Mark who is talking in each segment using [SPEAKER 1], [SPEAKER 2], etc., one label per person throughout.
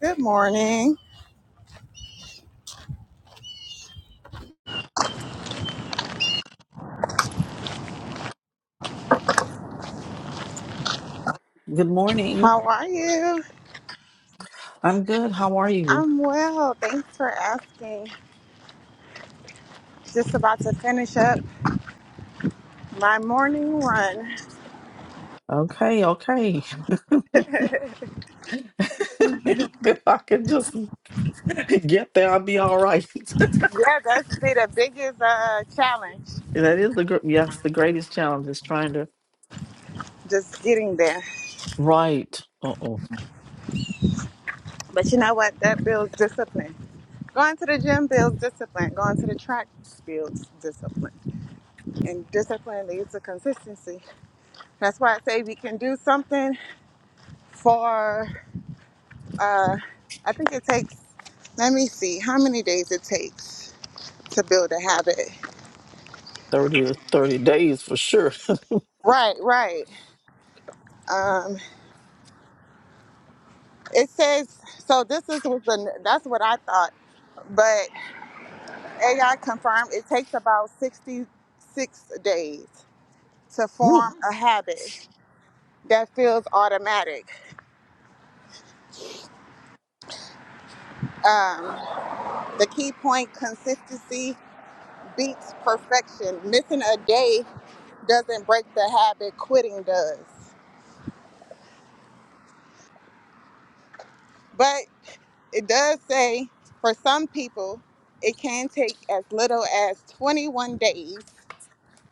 [SPEAKER 1] Good morning.
[SPEAKER 2] Good morning.
[SPEAKER 1] How are you?
[SPEAKER 2] I'm good. How are you?
[SPEAKER 1] I'm well. Thanks for asking. Just about to finish up my morning run.
[SPEAKER 2] Okay, okay. if I could just get there, I'll be all right.
[SPEAKER 1] Yeah, that's been the biggest uh, challenge,
[SPEAKER 2] that is the gr- yes, the greatest challenge is trying to
[SPEAKER 1] just getting there.
[SPEAKER 2] write. Uh oh,
[SPEAKER 1] But you know what? That builds discipline. Going to the gym builds discipline. Going to the track builds discipline. And discipline leads to consistency. That's why I say we can do something for, uh, I think it takes, let me see, how many days it takes to build a habit.
[SPEAKER 2] thirty to days for sure.
[SPEAKER 1] Right, right. Um, it says so. This is what the that's what I thought, but AI confirmed it takes about sixty six days to
[SPEAKER 2] Whew.
[SPEAKER 1] form a habit that feels automatic. Um, the key point: consistency beats perfection. Missing a day doesn't break the habit; quitting does. But it does say for some people, it can take as little as twenty one days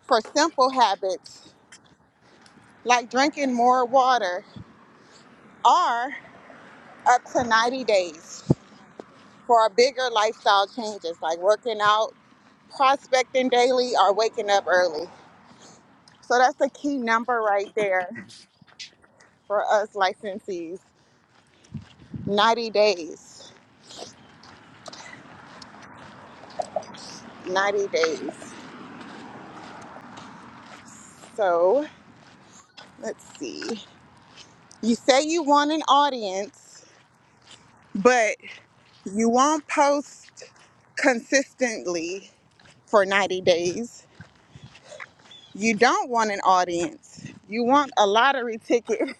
[SPEAKER 1] for simple habits like drinking more water are up to 90 days for our bigger lifestyle changes like working out, prospecting daily, or waking up early. So that's the key number right there for us licensees 90 days. 90 days. So let's see. You say you want an audience, but you won't post consistently for 90 days You don't want an audience. You want a lottery ticket.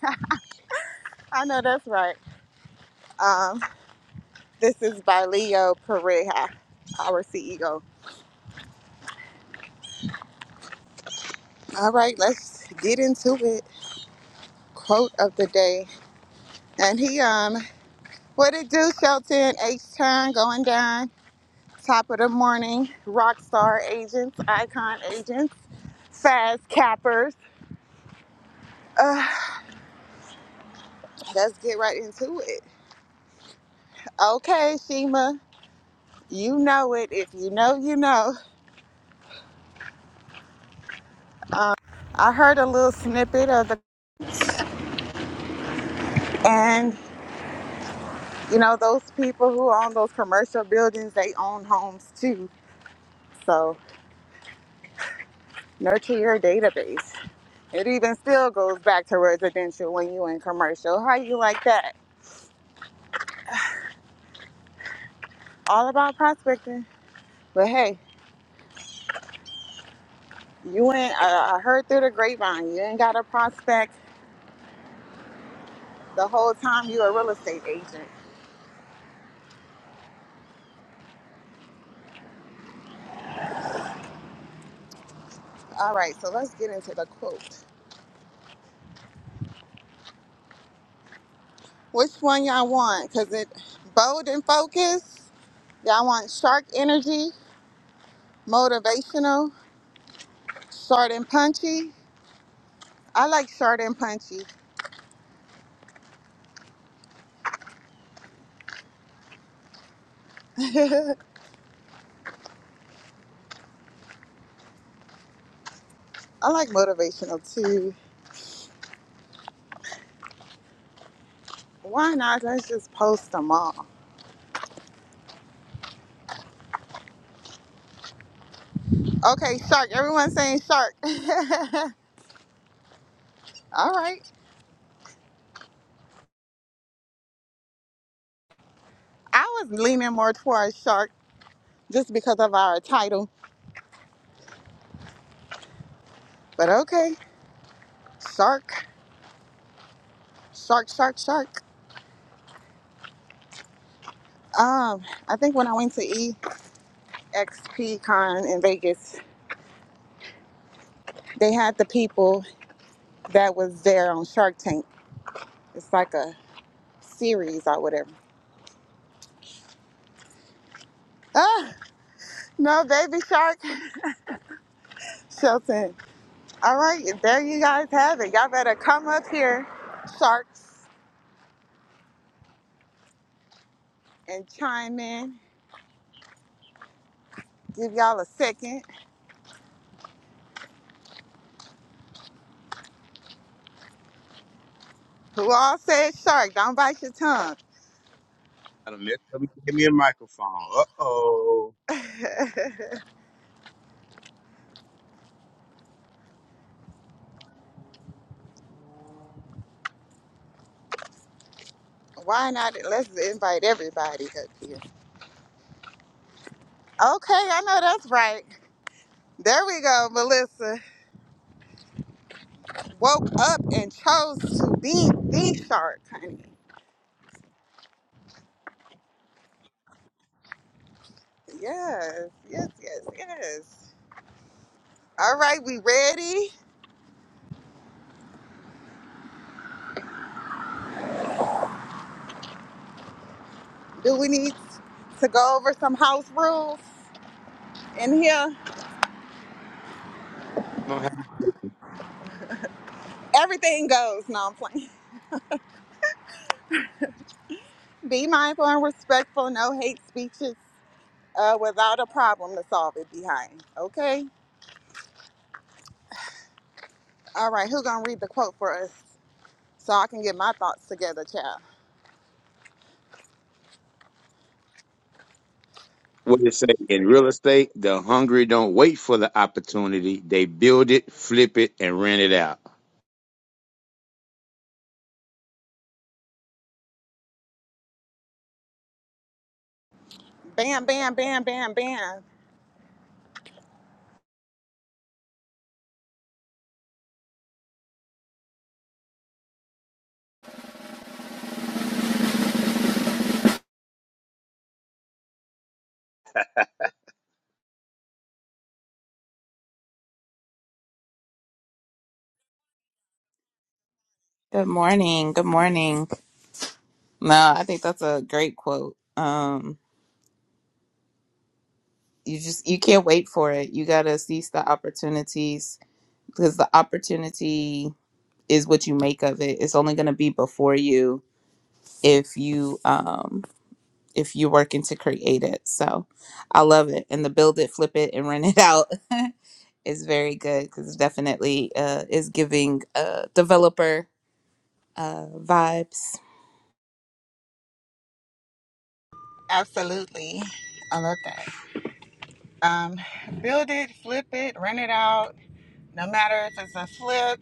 [SPEAKER 1] I know that's right. Um, this is by Leo Pareja, our CEO. All right, let's get into it. Quote of the day. And he, um, what it do, Shelton? H turn going down. Top of the morning. Rock star agents, icon agents, fast cappers. Uh, let's get right into it. Okay, Shima, you know it. If you know, you know. I heard a little snippet of the, and you know, those people who own those commercial buildings, they own homes too. So nurture your database. It even still goes back to residential when you in commercial. How you like that? All about prospecting. But hey, you ain't, uh, I heard through the grapevine, you ain't got to prospect the whole time you a real estate agent. All right, so let's get into the quote. Which one y'all want? Because it bold and focused. Y'all want shark energy Motivational, short and punchy. I like short and punchy. I like motivational too. Why not? Let's just post them all. Okay, shark. Everyone's saying shark. all right. I was leaning more towards shark just because of our title, but okay, shark, shark, shark, shark. Um, I think when I went to EXP Con in Vegas, they had the people that was there on Shark Tank. It's like a series or whatever. No, baby shark, Shelton. All right, there you guys have it. Y'all better come up here, sharks, and chime in. Give y'all a second. Who all said shark? Don't bite your tongue.
[SPEAKER 3] Got a mess up. and Give me a microphone. Uh oh.
[SPEAKER 1] Why not? Let's invite everybody up here. Okay, I know that's right. There we go, Melissa. Woke up and chose to be the shark, honey. Yes, yes, yes, yes. All right, we ready? Do we need to go over some house rules in here?
[SPEAKER 3] I'm gonna have
[SPEAKER 1] Everything goes. No, I'm playing. Be mindful and respectful. No hate speeches uh, without a problem to solve it behind. Okay? All right, who gonna read the quote for us so I can get my thoughts together, child?
[SPEAKER 3] What it say in real estate? The hungry don't wait for the opportunity; they build it, flip it, and rent it out.
[SPEAKER 1] Bam, bam, bam, bam, bam.
[SPEAKER 4] Good morning. Good morning. No, I think that's a great quote. Um, you just you can't wait for it. You gotta seize the opportunities because the opportunity is what you make of it. It's only gonna be before you if you um if you're working to create it. So I love it. And the build it, flip it, and rent it out is very good because definitely uh is giving uh developer uh vibes.
[SPEAKER 1] Absolutely. I love that. Um, build it, flip it, rent it out. No matter if it's a flip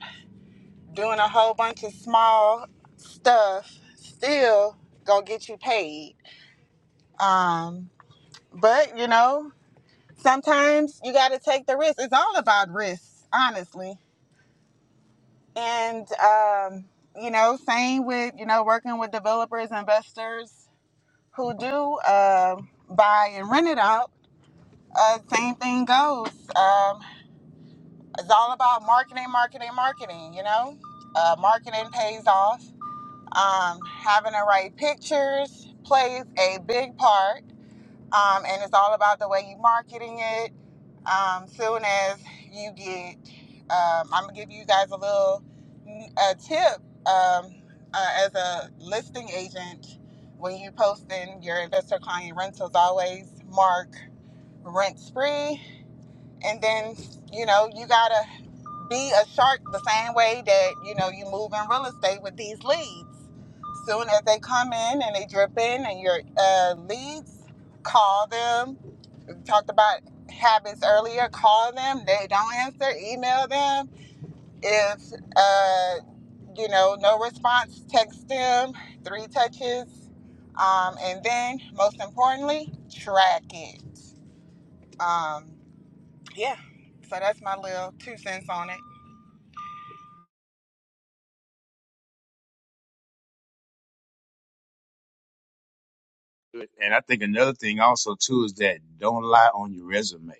[SPEAKER 1] doing a whole bunch of small stuff still gonna get you paid. Um, but you know, sometimes you gotta take the risk. It's all about risk, honestly. And um, you know, same with you know working with developers, investors who do uh, buy and rent it out. Uh, same thing goes. Um, it's all about marketing, marketing, marketing. You know, uh, marketing pays off Um, having the right pictures plays a big part, um, and it's all about the way you marketing it. Um, soon as you get, um, I'm gonna give you guys a little a tip um, uh, as a listing agent when you posting your investor client rentals. Always mark rent spree, and then you know you gotta be a shark the same way that you know you move in real estate with these leads. Soon as they come in and they drip in, and your uh, leads, call them. We talked about habits earlier. Call them. They don't answer. Email them. If uh, you know no response, text them. Three touches, um, and then most importantly, track it. Um, yeah. So that's my little two cents on it.
[SPEAKER 3] And I think another thing also too is that don't lie on your resume.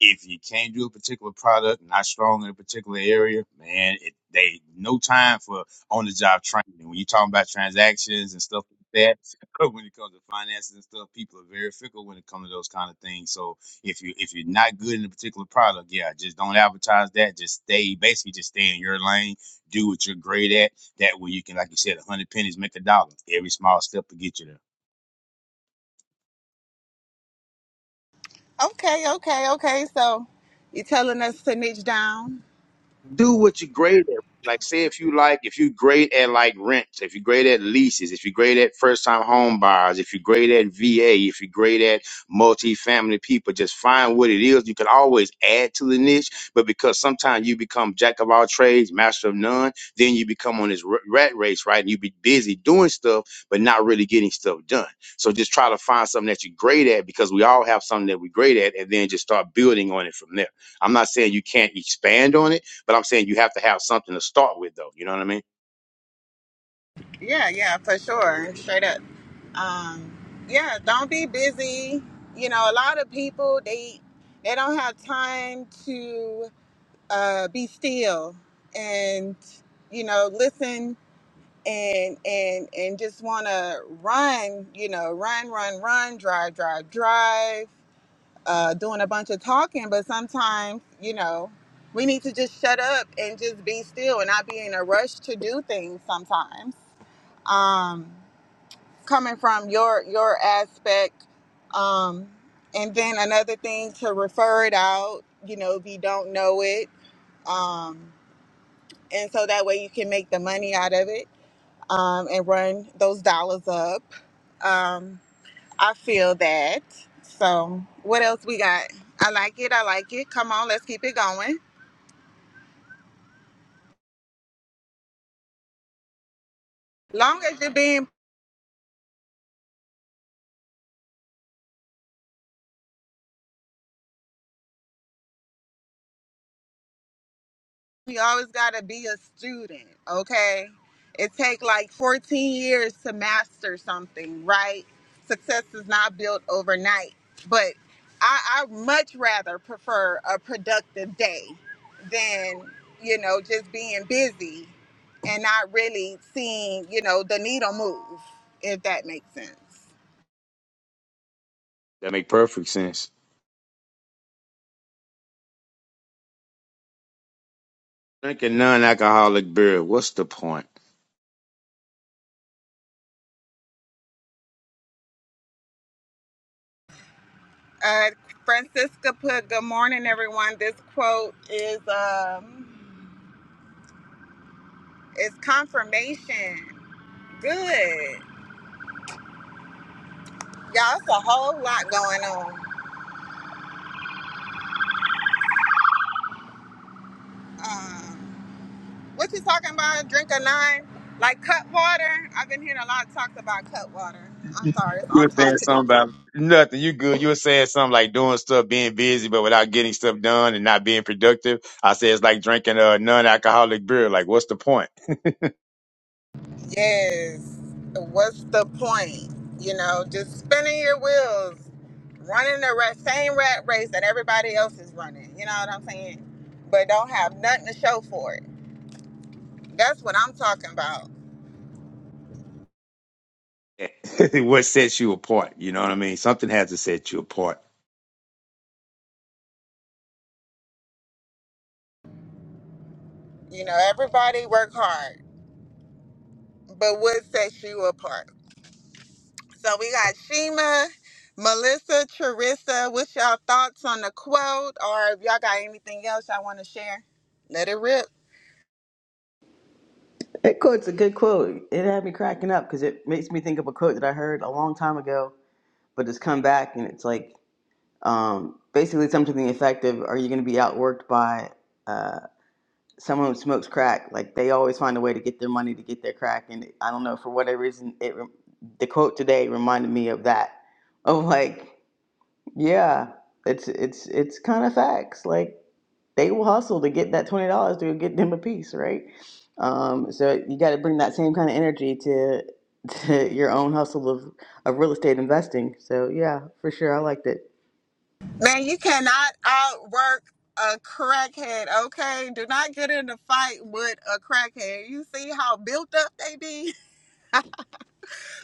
[SPEAKER 3] if you can't do a particular product, not strong in a particular area, man, it, they no time for on the job training. When you're talking about transactions and stuff like that, when it comes to finances and stuff, people are very fickle when it comes to those kind of things. So if you if you're not good in a particular product, yeah, just don't advertise that. Just stay basically just stay in your lane, do what you're great at. That way you can, like you said, a hundred pennies make a dollar. Every small step will get you there.
[SPEAKER 1] Okay, okay, okay. So you're telling us to niche down?
[SPEAKER 3] do what you're great at. Like, say if you like, if you're great at like rents, if you're great at leases, if you're great at first time home buyers, if you're great at VA, if you're great at multifamily people, just find what it is. You can always add to the niche, but because sometimes you become jack of all trades, master of none, then you become on this r- rat race, right? And you be busy doing stuff, but not really getting stuff done. So just try to find something that you're great at because we all have something that we're great at and then just start building on it from there. I'm not saying you can't expand on it but I'm saying you have to have something to start with, though. You know what I mean?
[SPEAKER 1] Yeah, yeah, for sure. Straight up. Um, yeah, don't be busy. You know, a lot of people they they don't have time to uh, be still and you know listen and and and just want to run. You know, run, run, run, drive, drive, drive uh, doing a bunch of talking, but sometimes, you know, we need to just shut up and just be still and not be in a rush to do things sometimes. Um, coming from your your aspect, um, and then another thing to refer it out, you know, if you don't know it, um, and so that way you can make the money out of it um, and run those dollars up. Um, I feel that. So, what else we got? I like it. I like it. Come on, let's keep it going. Long as you're being, you always gotta be a student. Okay. It take like 14 years to master something, right? Success is not built overnight. But I, I much rather prefer a productive day than you know just being busy and not really seeing you know the needle move. If that makes sense.
[SPEAKER 3] That make perfect sense. Drinking non-alcoholic beer. What's the point?
[SPEAKER 1] Uh, Francisca put, "Good morning, everyone." This quote is um, is confirmation. Good, y'all. It's a whole lot going on. Um, what you talking about? Drink a nine, like cut water. I've been hearing a lot of talks about cut water. I'm sorry, it's
[SPEAKER 3] You
[SPEAKER 1] off
[SPEAKER 3] were saying
[SPEAKER 1] topic.
[SPEAKER 3] something about nothing. You good? You were saying something like doing stuff, being busy, but without getting stuff done and not being productive. I said it's like drinking a non-alcoholic beer. Like, what's the point?
[SPEAKER 1] Yes. What's the point? You know, just spinning your wheels, running the ra- same rat race that everybody else is running. You know what I'm saying? But don't have nothing to show for it. That's what I'm talking about.
[SPEAKER 3] what sets you apart? You know what I mean? Something has to set you apart.
[SPEAKER 1] You know, everybody work hard, but what sets you apart? So we got Shima, Melissa, Charissa. What's y'all thoughts on the quote? Or if y'all got anything else y'all want to share, let it rip.
[SPEAKER 5] That quote's a good quote. It had me cracking up because it makes me think of a quote that I heard a long time ago, but it's come back and it's like um, basically something to the effect of Are you going to be outworked by uh, someone who smokes crack? Like they always find a way to get their money to get their crack. And I don't know, for whatever reason, it rem- the quote today reminded me of that. Of like, yeah, it's it's it's kind of facts. Like they will hustle to get that twenty dollars to get them a piece, right? Um, so you got to bring that same kind of energy to to your own hustle of of real estate investing. So yeah, for sure, I liked it.
[SPEAKER 1] Man, you cannot outwork a crackhead, okay? Do not get in a fight with a crackhead. You see how built up they be?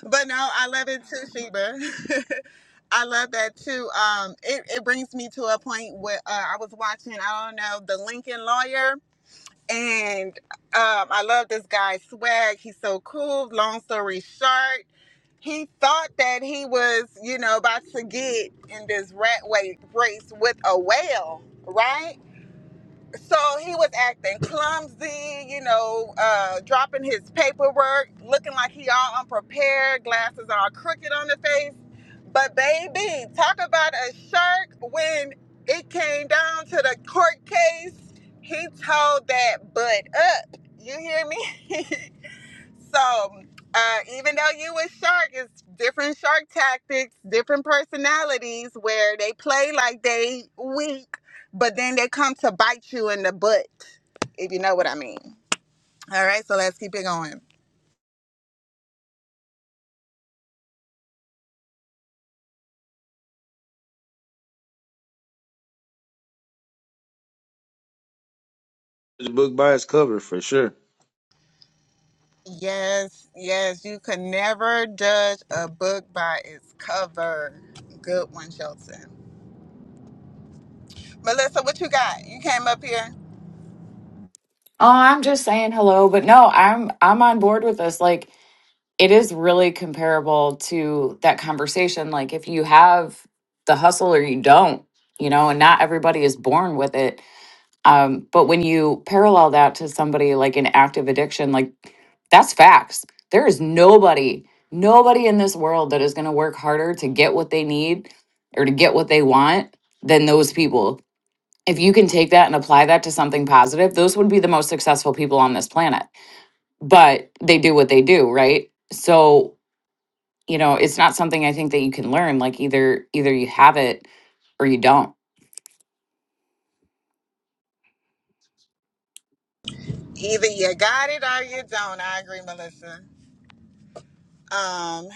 [SPEAKER 1] But no, I love it too, Sheba. I love that too. Um, it, it brings me to a point where uh, I was watching, I don't know, The Lincoln Lawyer. And um, I love this guy's swag. He's so cool. Long story short, he thought that he was, you know, about to get in this rat wa- race with a whale, right? So he was acting clumsy, you know, uh, dropping his paperwork, looking like he all unprepared, glasses all crooked on the face. But baby, talk about a shark when it came down to the court case. He told that butt up. You hear me? So, uh, even though you with shark, it's different shark tactics, different personalities where they play like they weak, but then they come to bite you in the butt, if you know what I mean. All right, so let's keep it going.
[SPEAKER 3] The book by its cover, for sure.
[SPEAKER 1] Yes, yes, you can never judge a book by its cover. Good one, Shelton. Melissa, what you got? You came up here.
[SPEAKER 6] Oh, I'm just saying hello, but no, I'm I'm on board with this. Like it is really comparable to that conversation. Like if you have the hustle or you don't, you know, and not everybody is born with it. Um, but when you parallel that to somebody like an active addiction, like that's facts. There is nobody, nobody in this world that is gonna work harder to get what they need or to get what they want than those people if you can take that and apply that to something positive, those would be the most successful people on this planet. But they do what they do, right? So, you know, it's not something I think that you can learn. Like either either you have it or you don't.
[SPEAKER 1] Either you got it or you don't. I agree, Melissa. Um,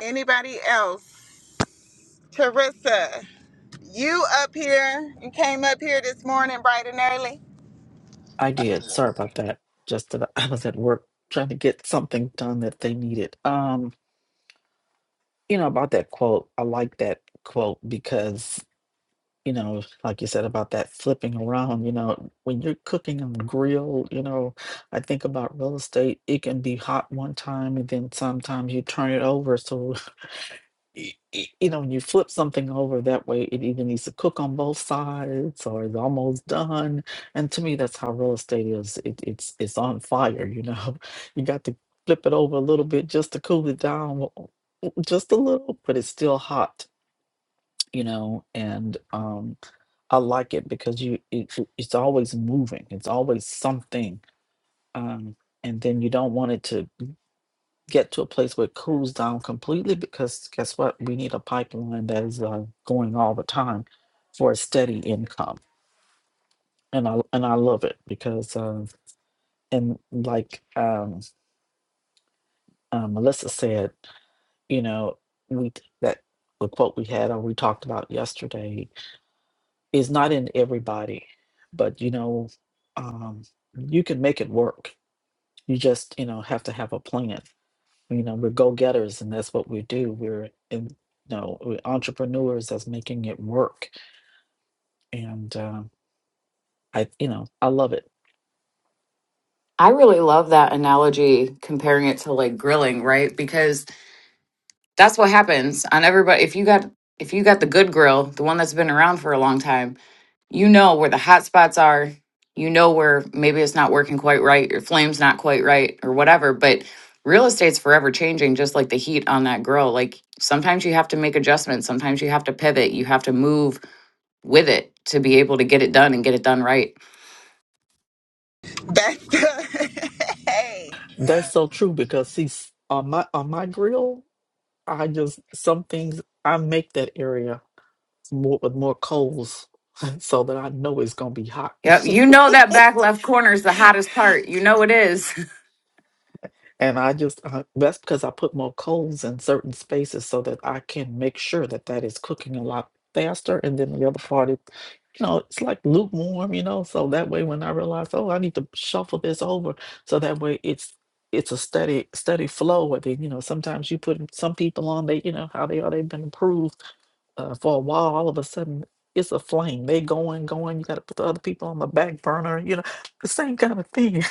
[SPEAKER 1] anybody else? Teresa, you up here you came up here this morning bright and early.
[SPEAKER 2] I did. Sorry about that. Just that I was at work trying to get something done that they needed. Um, you know about that quote. I like that quote because you know, like you said about that flipping around, you know, when you're cooking on the grill, you know, I think about real estate, it can be hot one time and then sometimes you turn it over. So, y- y- you know, when you flip something over that way, it either needs to cook on both sides or it's almost done. And to me, that's how real estate is. It, it's, it's on fire, you know, you got to flip it over a little bit just to cool it down w- just a little, but it's still hot, you know, and, um. I like it because you it, it's always moving. It's always something. Um, and then you don't want it to get to a place where it cools down completely because guess what? We need a pipeline that is uh, going all the time for a steady income. And I and I love it because uh, and like um, uh, Melissa said, you know, we that the quote we had or we talked about yesterday is not in everybody, but you know, um, you can make it work You just, you know, have to have a plan. You know, we're go getters, and that's what we do. We're, in, you know, we're entrepreneurs that's making it work. And uh, I, you know, I love it.
[SPEAKER 6] I really love that analogy comparing it to like grilling, right? Because that's what happens on everybody if you got if you got the good grill, the one that's been around for a long time, you know where the hot spots are you know where maybe it's not working quite right your flame's not quite right or whatever but real estate's forever changing just like the heat on that grill like sometimes you have to make adjustments sometimes you have to pivot you have to move with it to be able to get it done and get it done right
[SPEAKER 1] That's good. hey.
[SPEAKER 2] That's so true because see, s- on my on my grill, I just some things I make that area more with more coals so that I know it's gonna be hot.
[SPEAKER 6] yep you know that back left corner is the hottest part you know it is
[SPEAKER 2] And I just, uh, that's because I put more coals in certain spaces so that I can make sure that that is cooking a lot faster. And then the other part is, you know, it's like lukewarm, you know, so that way when I realize, oh, I need to shuffle this over, so that way it's it's a steady steady flow. And then, you know, sometimes you put some people on, they, you know, how they are, they've been approved uh, for a while. All of a sudden, it's a flame. They going, going. You got to put the other people on the back burner. You know, the same kind of thing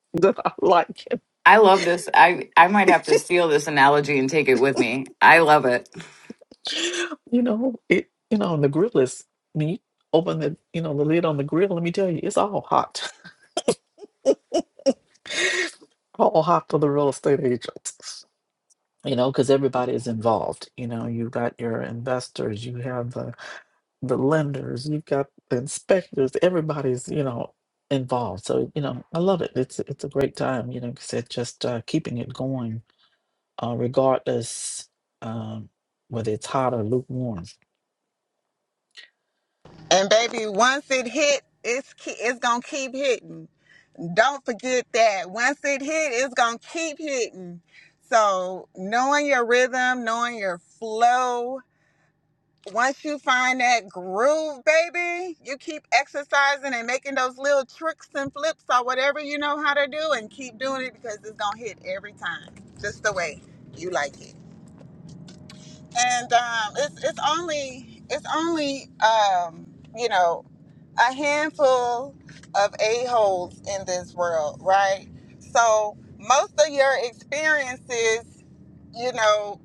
[SPEAKER 2] that I like.
[SPEAKER 6] i love this i i might have to steal this analogy and take it with me i love it
[SPEAKER 2] You know, it you know, and the grill is when you open the you know, the lid on the grill, let me tell you, it's all hot. All hot for the real estate agents. You know, because everybody is involved. You know, you've got your investors, you have the the lenders, you've got the inspectors, everybody's, you know, involved. So, you know, I love it. It's it's a great time, you know, like I said, just uh keeping it going, uh regardless um whether it's hot or lukewarm.
[SPEAKER 1] And baby, once it hit, it's ke- it's gonna keep hitting. Don't forget that. Once it hit, it's gonna keep hitting. So knowing your rhythm, knowing your flow, once you find that groove, baby, you keep exercising and making those little tricks and flips or whatever you know how to do and keep doing it because it's going to hit every time, just the way you like it. And um, it's, it's only, it's only, um, you know, a handful of a-holes in this world, right? So most of your experiences, you know,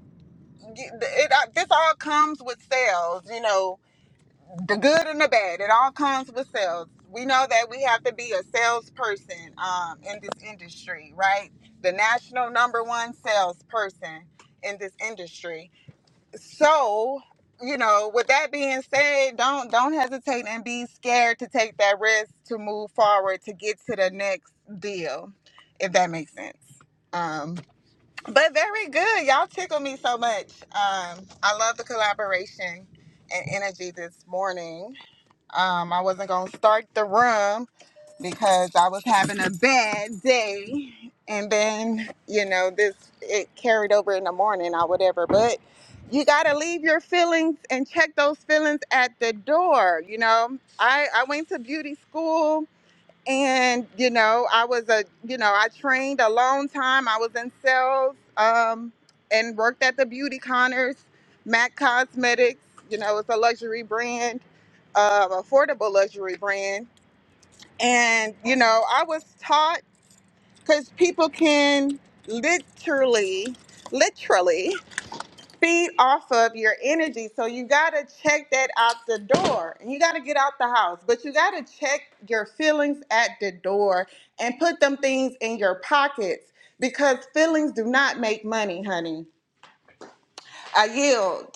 [SPEAKER 1] it, it, uh, this all comes with sales, you know, the good and the bad. It all comes with sales. We know that we have to be a salesperson um, in this industry, right? The national number one salesperson in this industry. So, you know, with that being said, don't don't hesitate and be scared to take that risk to move forward to get to the next deal, if that makes sense. Um, but very good. Y'all tickle me so much. Um, I love the collaboration and energy this morning. Um, I wasn't gonna start the room because I was having a bad day, and then you know this it carried over in the morning or whatever. But you gotta leave your feelings and check those feelings at the door. You know, I I went to beauty school. And you know, I was a you know I trained a long time. I was in sales um, and worked at the beauty Connors, Mac Cosmetics. You know, it's a luxury brand uh, affordable luxury brand. And, you know, I was taught because people can literally, literally feed off of your energy. So you got to check that out the door and you got to get out the house, but you got to check your feelings at the door and put them things in your pockets because feelings do not make money, honey. I yield.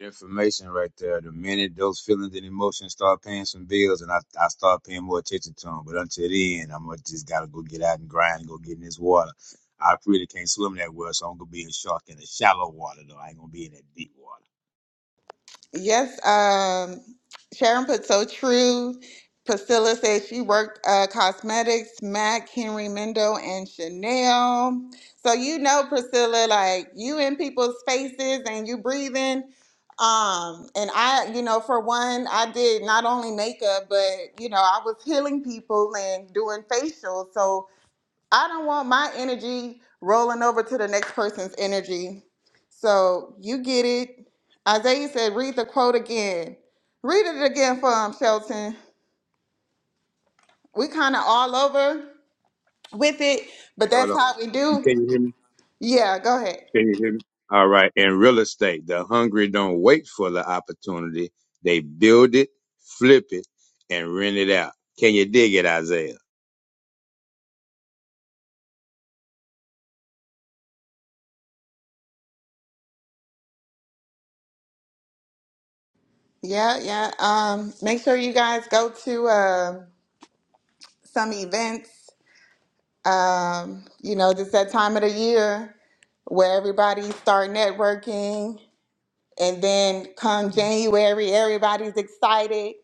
[SPEAKER 3] information right there. The minute those feelings and emotions start paying some bills, and I, I start paying more attention to them. But until then, I'm gonna just gotta go get out and grind and go get in this water. I really can't swim that well, so I'm gonna be a shark in the shallow water though. I ain't gonna be in that deep water.
[SPEAKER 1] Yes, um, Sharon put so true. Priscilla said she worked uh, cosmetics, MAC, Henry Mendo, and Chanel. So you know, Priscilla, like you in people's faces and you breathing. Um, and I, you know, for one, I did not only makeup, but you know, I was healing people and doing facials. So I don't want my energy rolling over to the next person's energy. So you get it. Isaiah said, read the quote again. Read it again for him, Shelton. We kind of all over with it,
[SPEAKER 3] All
[SPEAKER 1] but
[SPEAKER 3] right, hold
[SPEAKER 1] that's
[SPEAKER 3] on.
[SPEAKER 1] how we
[SPEAKER 3] You
[SPEAKER 1] do.
[SPEAKER 3] can you hear me?
[SPEAKER 1] Yeah, go ahead.
[SPEAKER 3] Can you hear me? All right. In real estate, the hungry don't wait for the opportunity; they build it, flip it, and rent it out. Can you dig it, Isaiah?
[SPEAKER 1] Yeah, yeah. Um, make sure you guys go to uh, some events. Um, you know, just that time of the year where everybody's start networking. And then come January, everybody's excited.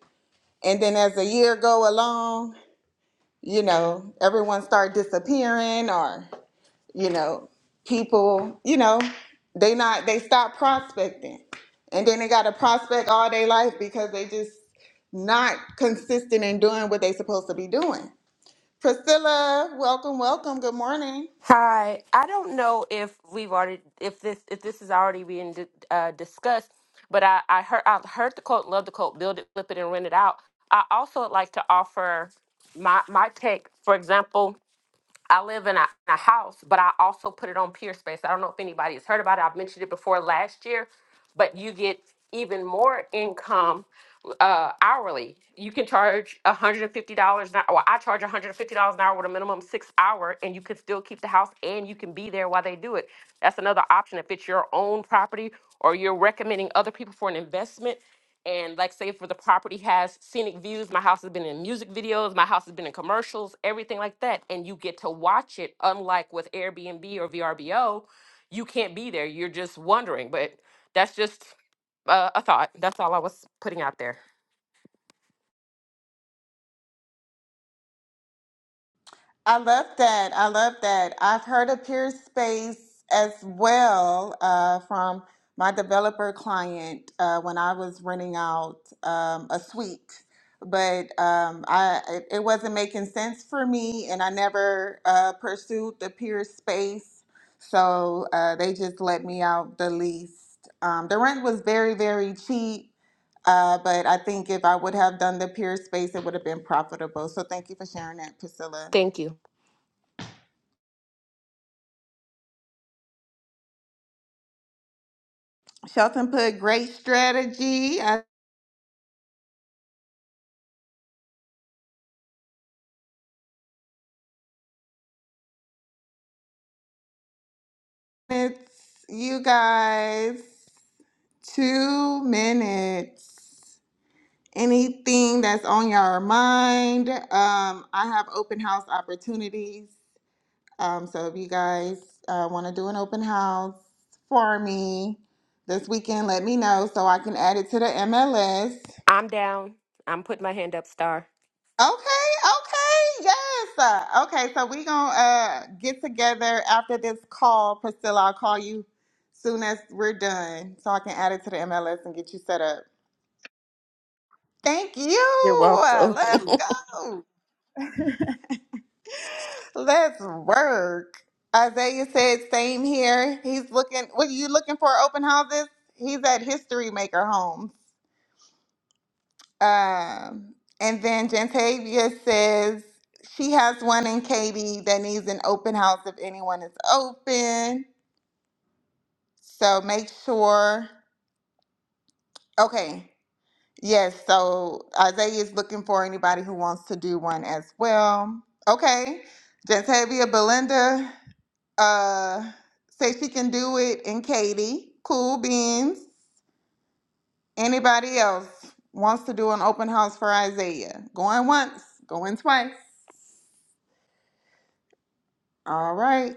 [SPEAKER 1] And then as the year go along, you know, everyone start disappearing or, you know, people, you know, they not they stop prospecting. And then they gotta prospect all their life because they just not consistent in doing what they supposed to be doing. Priscilla, welcome, welcome. Good morning.
[SPEAKER 7] Hi, I don't know if we've already if this if this is already being di- uh, discussed, but I I heard I heard the quote, love the quote, build it, flip it, and rent it out. I also would like to offer my my take. For example, I live in a, a house, but I also put it on PeerSpace. I don't know if anybody has heard about it. I've mentioned it before last year, but you get even more income uh, hourly. You can charge $150 an hour. Well, I charge $150 an hour with a minimum six hour, and you can still keep the house and you can be there while they do it. That's another option if it's your own property or you're recommending other people for an investment. And like say for the property has scenic views, my house has been in music videos, my house has been in commercials, everything like that. And you get to watch it, unlike with Airbnb or VRBO, you can't be there. You're just wondering. But that's just uh, a thought. That's all I was putting out there.
[SPEAKER 1] I love that. I love that. I've heard of peer space as well uh, from my developer client uh, when I was renting out um, a suite, but um, I it, it wasn't making sense for me, and I never uh, pursued the peer space. So uh, they just let me out the lease. Um, the rent was very, very cheap, uh, but I think if I would have done the peer space, it would have been profitable. So thank you for sharing that, Priscilla.
[SPEAKER 7] Thank you.
[SPEAKER 1] Shelton put great strategy. I it's you guys. Two minutes. Anything that's on your mind. Um, I have open house opportunities. Um, so if you guys uh, want to do an open house for me this weekend, let me know so I can add it to the MLS.
[SPEAKER 7] I'm down. I'm putting my hand up, Star.
[SPEAKER 1] Okay, okay, yes. Uh, Okay, so we gonna uh, get together after this call, Priscilla. I'll call you soon as we're done, so I can add it to the MLS and get you set up. Thank
[SPEAKER 7] You're
[SPEAKER 1] you. Uh,
[SPEAKER 7] welcome.
[SPEAKER 1] Let's go. Let's work. Isaiah said, "Same here." He's looking. What are you looking for? Open houses. He's at History Maker Homes. Um, and then Jantavia says she has one in Katy that needs an open house if anyone is open. So make sure. Okay. Yes. So Isaiah is looking for anybody who wants to do one as well. Okay. Jantavia, Belinda, uh, say she can do it in Katy. Cool beans. Anybody else wants to do an open house for Isaiah? Going once, going twice. All right.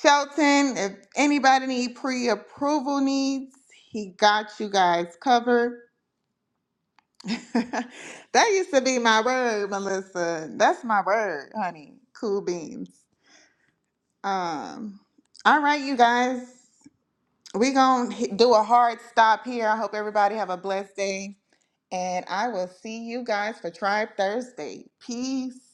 [SPEAKER 1] Shelton, if anybody need pre-approval needs, he got you guys covered. that used to be my word, Melissa. That's my word, honey. Cool beans. Um, all right, you guys. We gonna do a hard stop here. I hope everybody have a blessed day. And I will see you guys for Tribe Thursday. Peace.